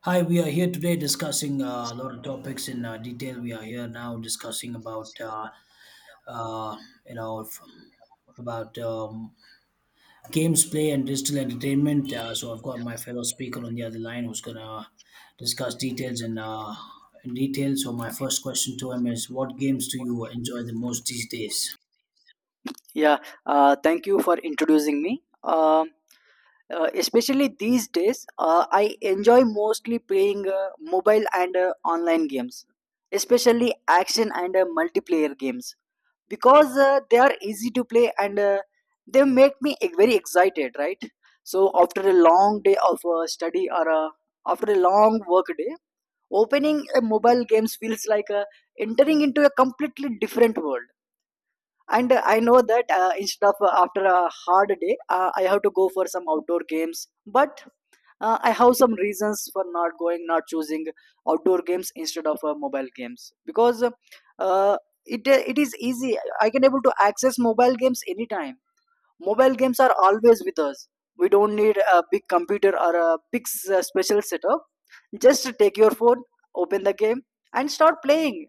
Hi, we are here today discussing a lot of topics in detail. We are here now discussing about uh, you know f- about um, games play and digital entertainment. So I've got my fellow speaker on the other line who's gonna discuss details in in detail. So my first question to him is, what games do you enjoy the most these days? Yeah, thank you for introducing me. Um especially these days, I enjoy mostly playing mobile and online games, especially action and multiplayer games, because they are easy to play and they make me very excited, right? So after a long day of study or after a long work day, opening a mobile games feels like entering into a completely different world. And I know that instead of after a hard day, I have to go for some outdoor games, but I have some reasons for not going not choosing outdoor games instead of mobile games, because it is easy. I can able to access mobile games anytime. Mobile games are always with us. We don't need a big computer or a big special setup. Just take your phone, open the game, and start playing.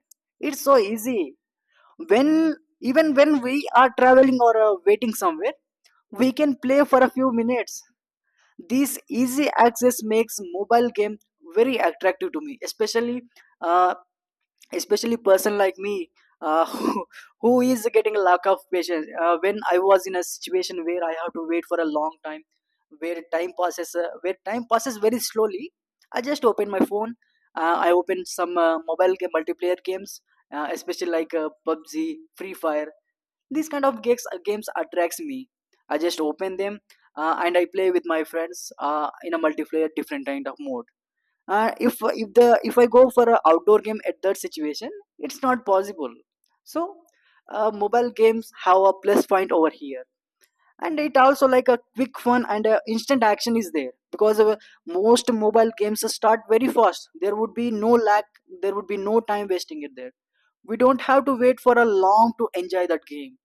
It's so easy. When Even when we are traveling or waiting somewhere, we can play for a few minutes. This easy access makes mobile game very attractive to me, uh, especially person like me, uh, who, who is getting a lack of patience when I was in a situation where I have to wait for a long time, where time passes very slowly. I just open my phone. I open some mobile game multiplayer games, especially like pubg, free fire. These kind of games attracts me. I just open them and I play with my friends in a multiplayer different kind of mode. If I go for an outdoor game at that situation, it's not possible. So mobile games have a plus point over here, and it also like a quick fun and instant action is there because most mobile games start very fast. There would be no lag. There would be no time wasting it there. We don't have to wait for a long to enjoy that game.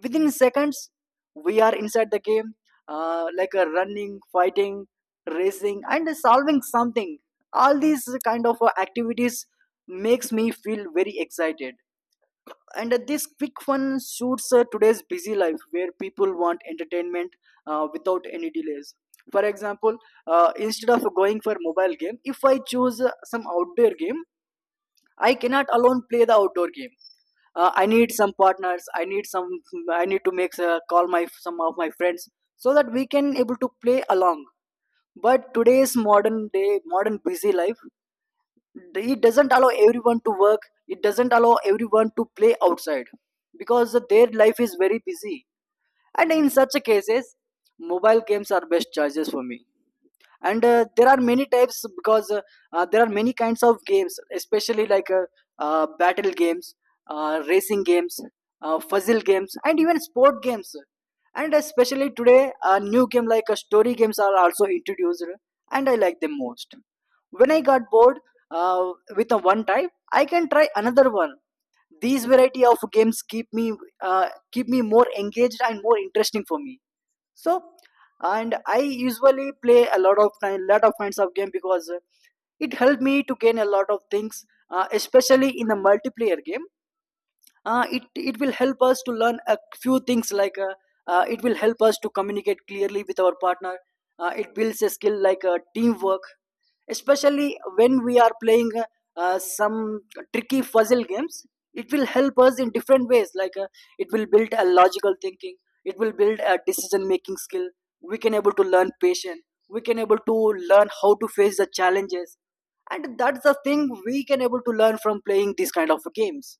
Within seconds we are inside the game, like a running, fighting, racing, and solving something. All these kind of activities makes me feel very excited. And this quick fun suits today's busy life where people want entertainment without any delays. For example, instead of going for mobile game, if I choose some outdoor game, I cannot alone play the outdoor game. I need some partners, I need some, I need to make call my some of my friends so that we can able to play along. But today's modern day modern busy life, it doesn't allow everyone to work, it doesn't allow everyone to play outside because their life is very busy. And in such cases, mobile games are best choices for me. And there are many types, because there are many kinds of games, especially like battle games, racing games, puzzle games, and even sport games. And especially today a new game like story games are also introduced, and I like them most. When I got bored, uh, with a one type I can try another one. These variety of games keep me more engaged and more interesting for me. So and I usually play a lot of time lot of kinds of game, because it helped me to gain a lot of things. Especially in the multiplayer game, it will help us to learn a few things, like it will help us to communicate clearly with our partner. It builds a skill like teamwork. Especially when we are playing some tricky puzzle games, it will help us in different ways, like it will build a logical thinking, it will build a decision making skill. We can able to learn patience, we can able to learn how to face the challenges, and that's the thing we can able to learn from playing these kind of games.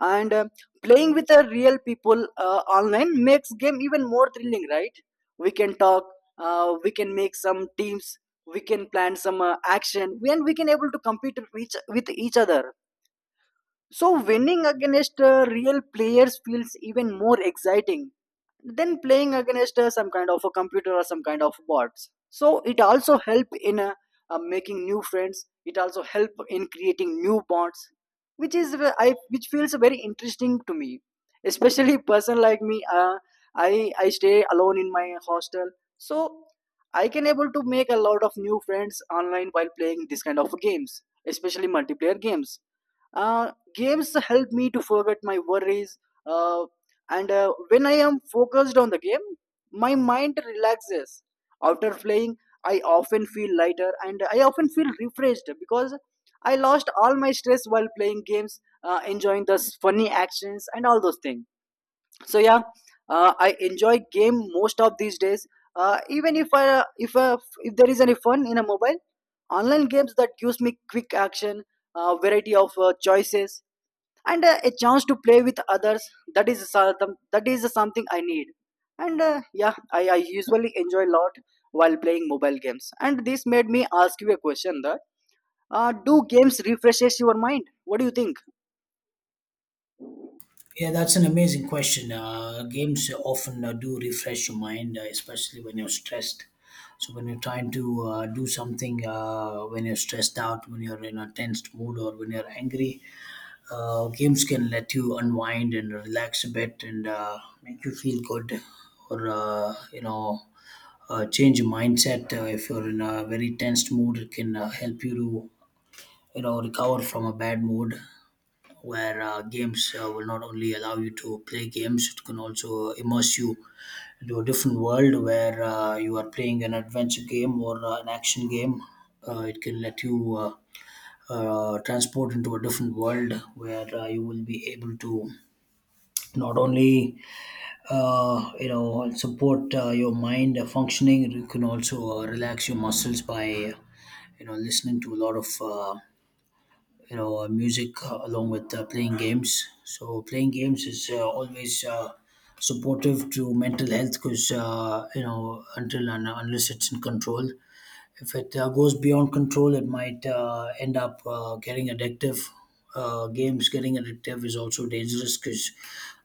And playing with the real people online makes game even more thrilling, right? We can talk, we can make some teams, we can plan some action, and we can able to compete with with each other. So winning against real players feels even more exciting then playing against some kind of a computer or some kind of bots. So it also help in making new friends, it also help in creating new bonds, which is I which feels very interesting to me. Especially person like me, I stay alone in my hostel. So I can able to make a lot of new friends online while playing this kind of games, especially multiplayer games. Games help me to forget my worries. uh, and when I am focused on the game, my mind relaxes. After playing, I often feel lighter and I often feel refreshed because I lost all my stress while playing games, enjoying the funny actions and all those things. So yeah, I enjoy game most of these days. Even if I if there is any fun in a mobile online games that gives me quick action, variety of choices, and a chance to play with others, that is that is something I need. And yeah, I usually enjoy a lot while playing mobile games. And this made me ask you a question that, do games refreshes your mind? What do you think? Yeah, that's an amazing question. Games often do refresh your mind, especially when you're stressed. So when you're trying to do something, when you're stressed out, when you're in a tensed mood, or when you're angry, games can let you unwind and relax a bit and make you feel good, or change your mindset. If you're in a very tensed mood, it can help you to recover from a bad mood where games will not only allow you to play games, it can also immerse you into a different world where you are playing an adventure game or an action game. It can let you transport into a different world where you will be able to not only support your mind functioning. You can also relax your muscles by listening to a lot of music along with playing games. So playing games is always supportive to mental health, because until and unless it's in control. If it goes beyond control, it might end up getting addictive. Games getting addictive is also dangerous, because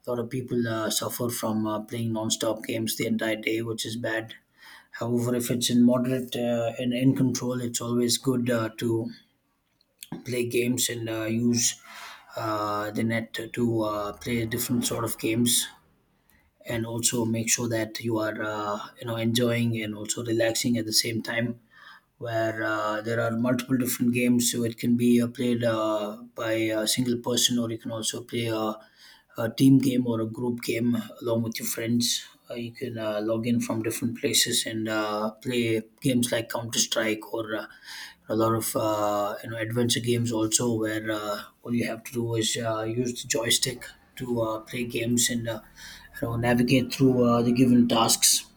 a lot of people suffer from playing non-stop games the entire day, which is bad. However, if it's in moderate and in control, it's always good to play games and use the net to play different sort of games, and also make sure that you are enjoying and also relaxing at the same time, where there are multiple different games. So it can be played by a single person, or you can also play a team game or a group game along with your friends. You can log in from different places and play games like Counter Strike or a lot of adventure games also, where all you have to do is use the joystick to play games and navigate through the given tasks.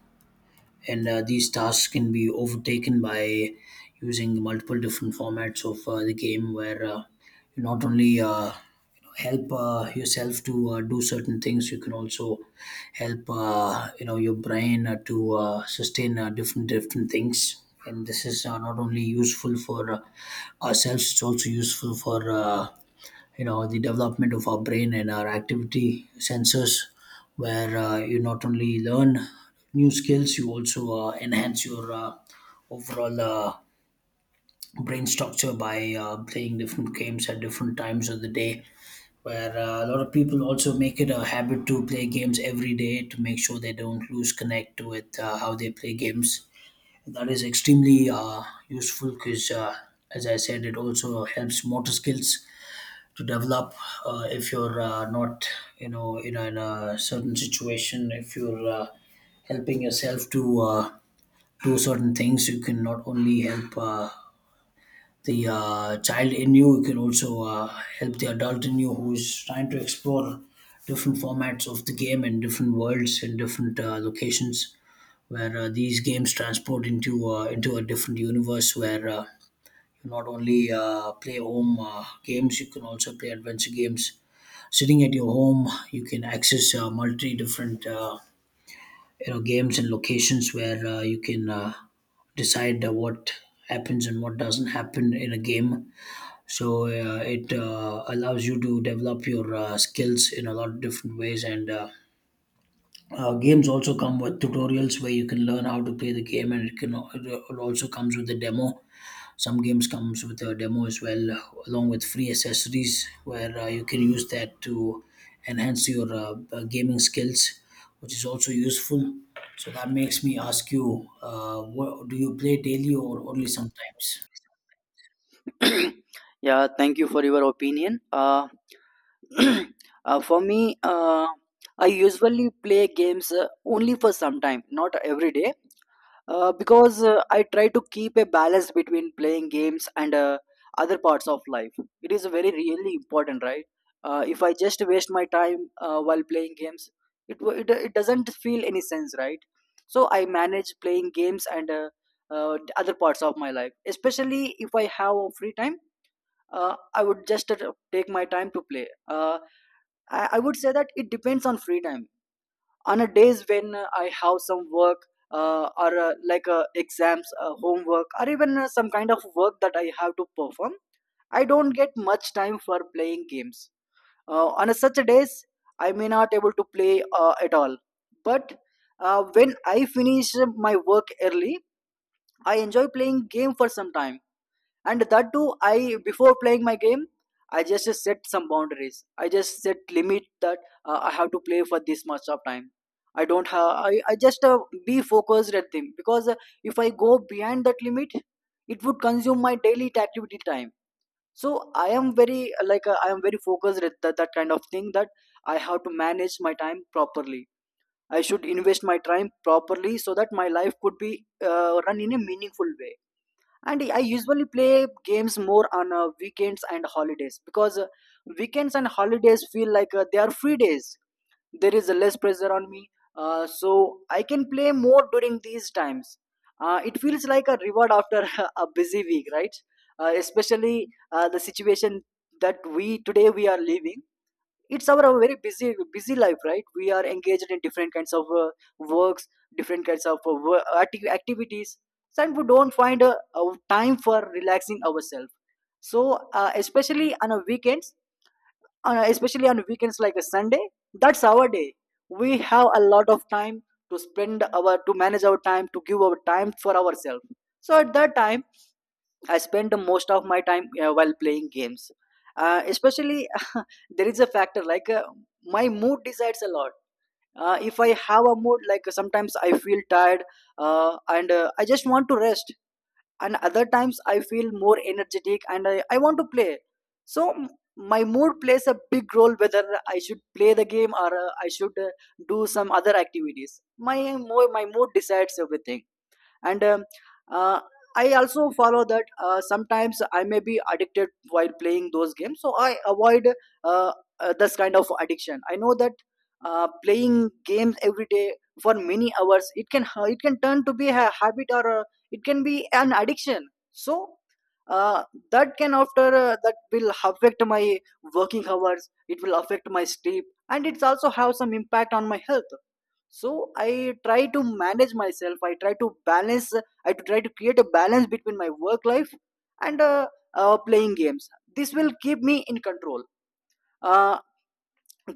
And these tasks can be overtaken by using multiple different formats of the game, where you not only you know, help yourself to do certain things. You can also help your brain to sustain different different things, and this is not only useful for ourselves, it's also useful for the development of our brain and our activity sensors, where you not only learn new skills, you also enhance your overall brain structure by playing different games at different times of the day, where a lot of people also make it a habit to play games every day to make sure they don't lose connect with how they play games. That is extremely useful, because as I said, it also helps motor skills to develop. If you're not in a, in a certain situation, if you're helping yourself to do certain things, you can not only help the child in you, you can also help the adult in you who's trying to explore different formats of the game and different worlds and different locations, where these games transport into a different universe, where you not only play home games. You can also play adventure games sitting at your home. You can access multi different games and locations, where you can decide what happens and what doesn't happen in a game. So it allows you to develop your skills in a lot of different ways. And games also come with tutorials where you can learn how to play the game, and it also comes with a demo. Some games comes with a demo as well, along with free accessories where you can use that to enhance your gaming skills, which is also useful. So that makes me ask you, what, do you play daily or only sometimes? Yeah, thank you for your opinion. For me, I usually play games only for some time, not every day, because I try to keep a balance between playing games and other parts of life. It is very really important, right? If I just waste my time while playing games, it, wo- it doesn't feel any sense, right? So I manage playing games and other parts of my life, especially if I have free time. I would just take my time to play. I would say that it depends on free time. On a days when I have some work or like exams, homework, or even some kind of work that I have to perform, I don't get much time for playing games. On a such a days, I may not able to play at all. But when I finish my work early, I enjoy playing game for some time. And that too, I before playing my game, I just set some boundaries, I just set limit that I have to play for this much of time. I don't have, I just be focused at them, because if I go beyond that limit, it would consume my daily activity time. So I am very like, I am very focused at that kind of thing, that I have to manage my time properly, I should invest my time properly so that my life could be run in a meaningful way. And I usually play games more on weekends and holidays, because weekends and holidays feel like they are free days, there is less pressure on me. So I can play more during these times. It feels like a reward after a busy week, right? Especially the situation that we today we are living, it's our very busy life, right? We are engaged in different kinds of works, different kinds of activities, and we don't find a time for relaxing ourselves. So especially on a weekends, especially on weekends like a Sunday, that's our day. We have a lot of time to spend our, to manage our time, to give our time for ourselves. So at that time I spend the most of my time while playing games. Especially, there is a factor like, my mood decides a lot. If I have a mood, like sometimes I feel tired and I just want to rest, and other times I feel more energetic and I want to play. So, my mood plays a big role whether I should play the game or I should do some other activities. My mood decides everything. And uh, I also follow that sometimes I may be addicted while playing those games, so I avoid uh, this kind of addiction. I know that playing games every day for many hours, it can turn to be a habit or it can be an addiction. So uh, that can after that will affect my working hours, it will affect my sleep, and it's also have some impact on my health. So I try to manage myself, I try to balance, I try to create a balance between my work life and playing games. This will keep me in control. uh,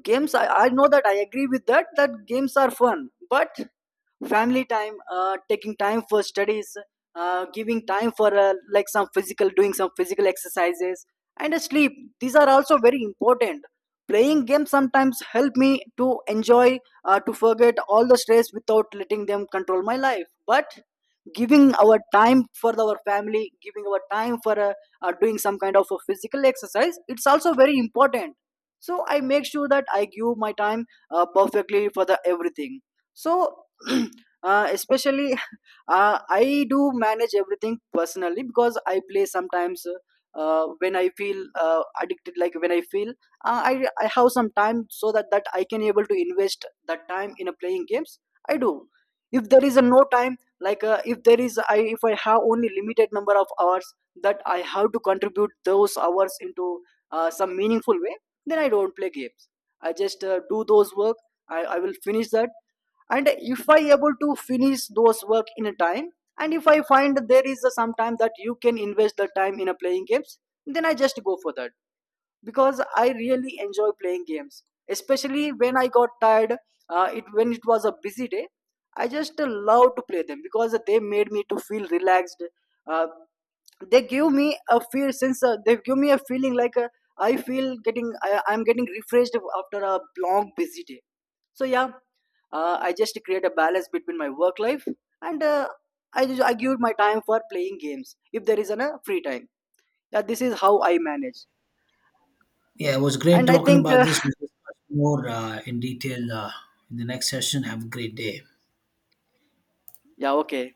Games, I know that I agree with that that games are fun, but family time, taking time for studies, giving time for like some physical doing some physical exercises, and sleep, these are also very important. Playing games sometimes help me to enjoy, to forget all the stress without letting them control my life, but giving our time for our family, giving our time for doing some kind of a physical exercise, it's also very important. So I make sure that I give my time perfectly for the everything. So especially, I do manage everything personally. Because I play sometimes when I feel addicted, like when I feel I have some time so that I can able to invest that time in a playing games, I do. If there is a no time, like if I have only limited number of hours that I have to contribute those hours into some meaningful way, then I don't play games. I just do those work. I will finish that. And if I able to finish those work in a time, and if I find there is a some time that you can invest the time in a playing games, then I just go for that. Because I really enjoy playing games, especially when I got tired. It When it was a busy day, I just love to play them because they made me to feel relaxed. uh, they give me a feeling like, I feel getting, I'm getting refreshed after a long busy day. So yeah, I just create a balance between my work life and I give my time for playing games if there is a free time. Yeah, this is how I manage. Yeah, it was great And I talking think about this. We'll discuss more in detail in the next session. Have a great day. yeah, okay.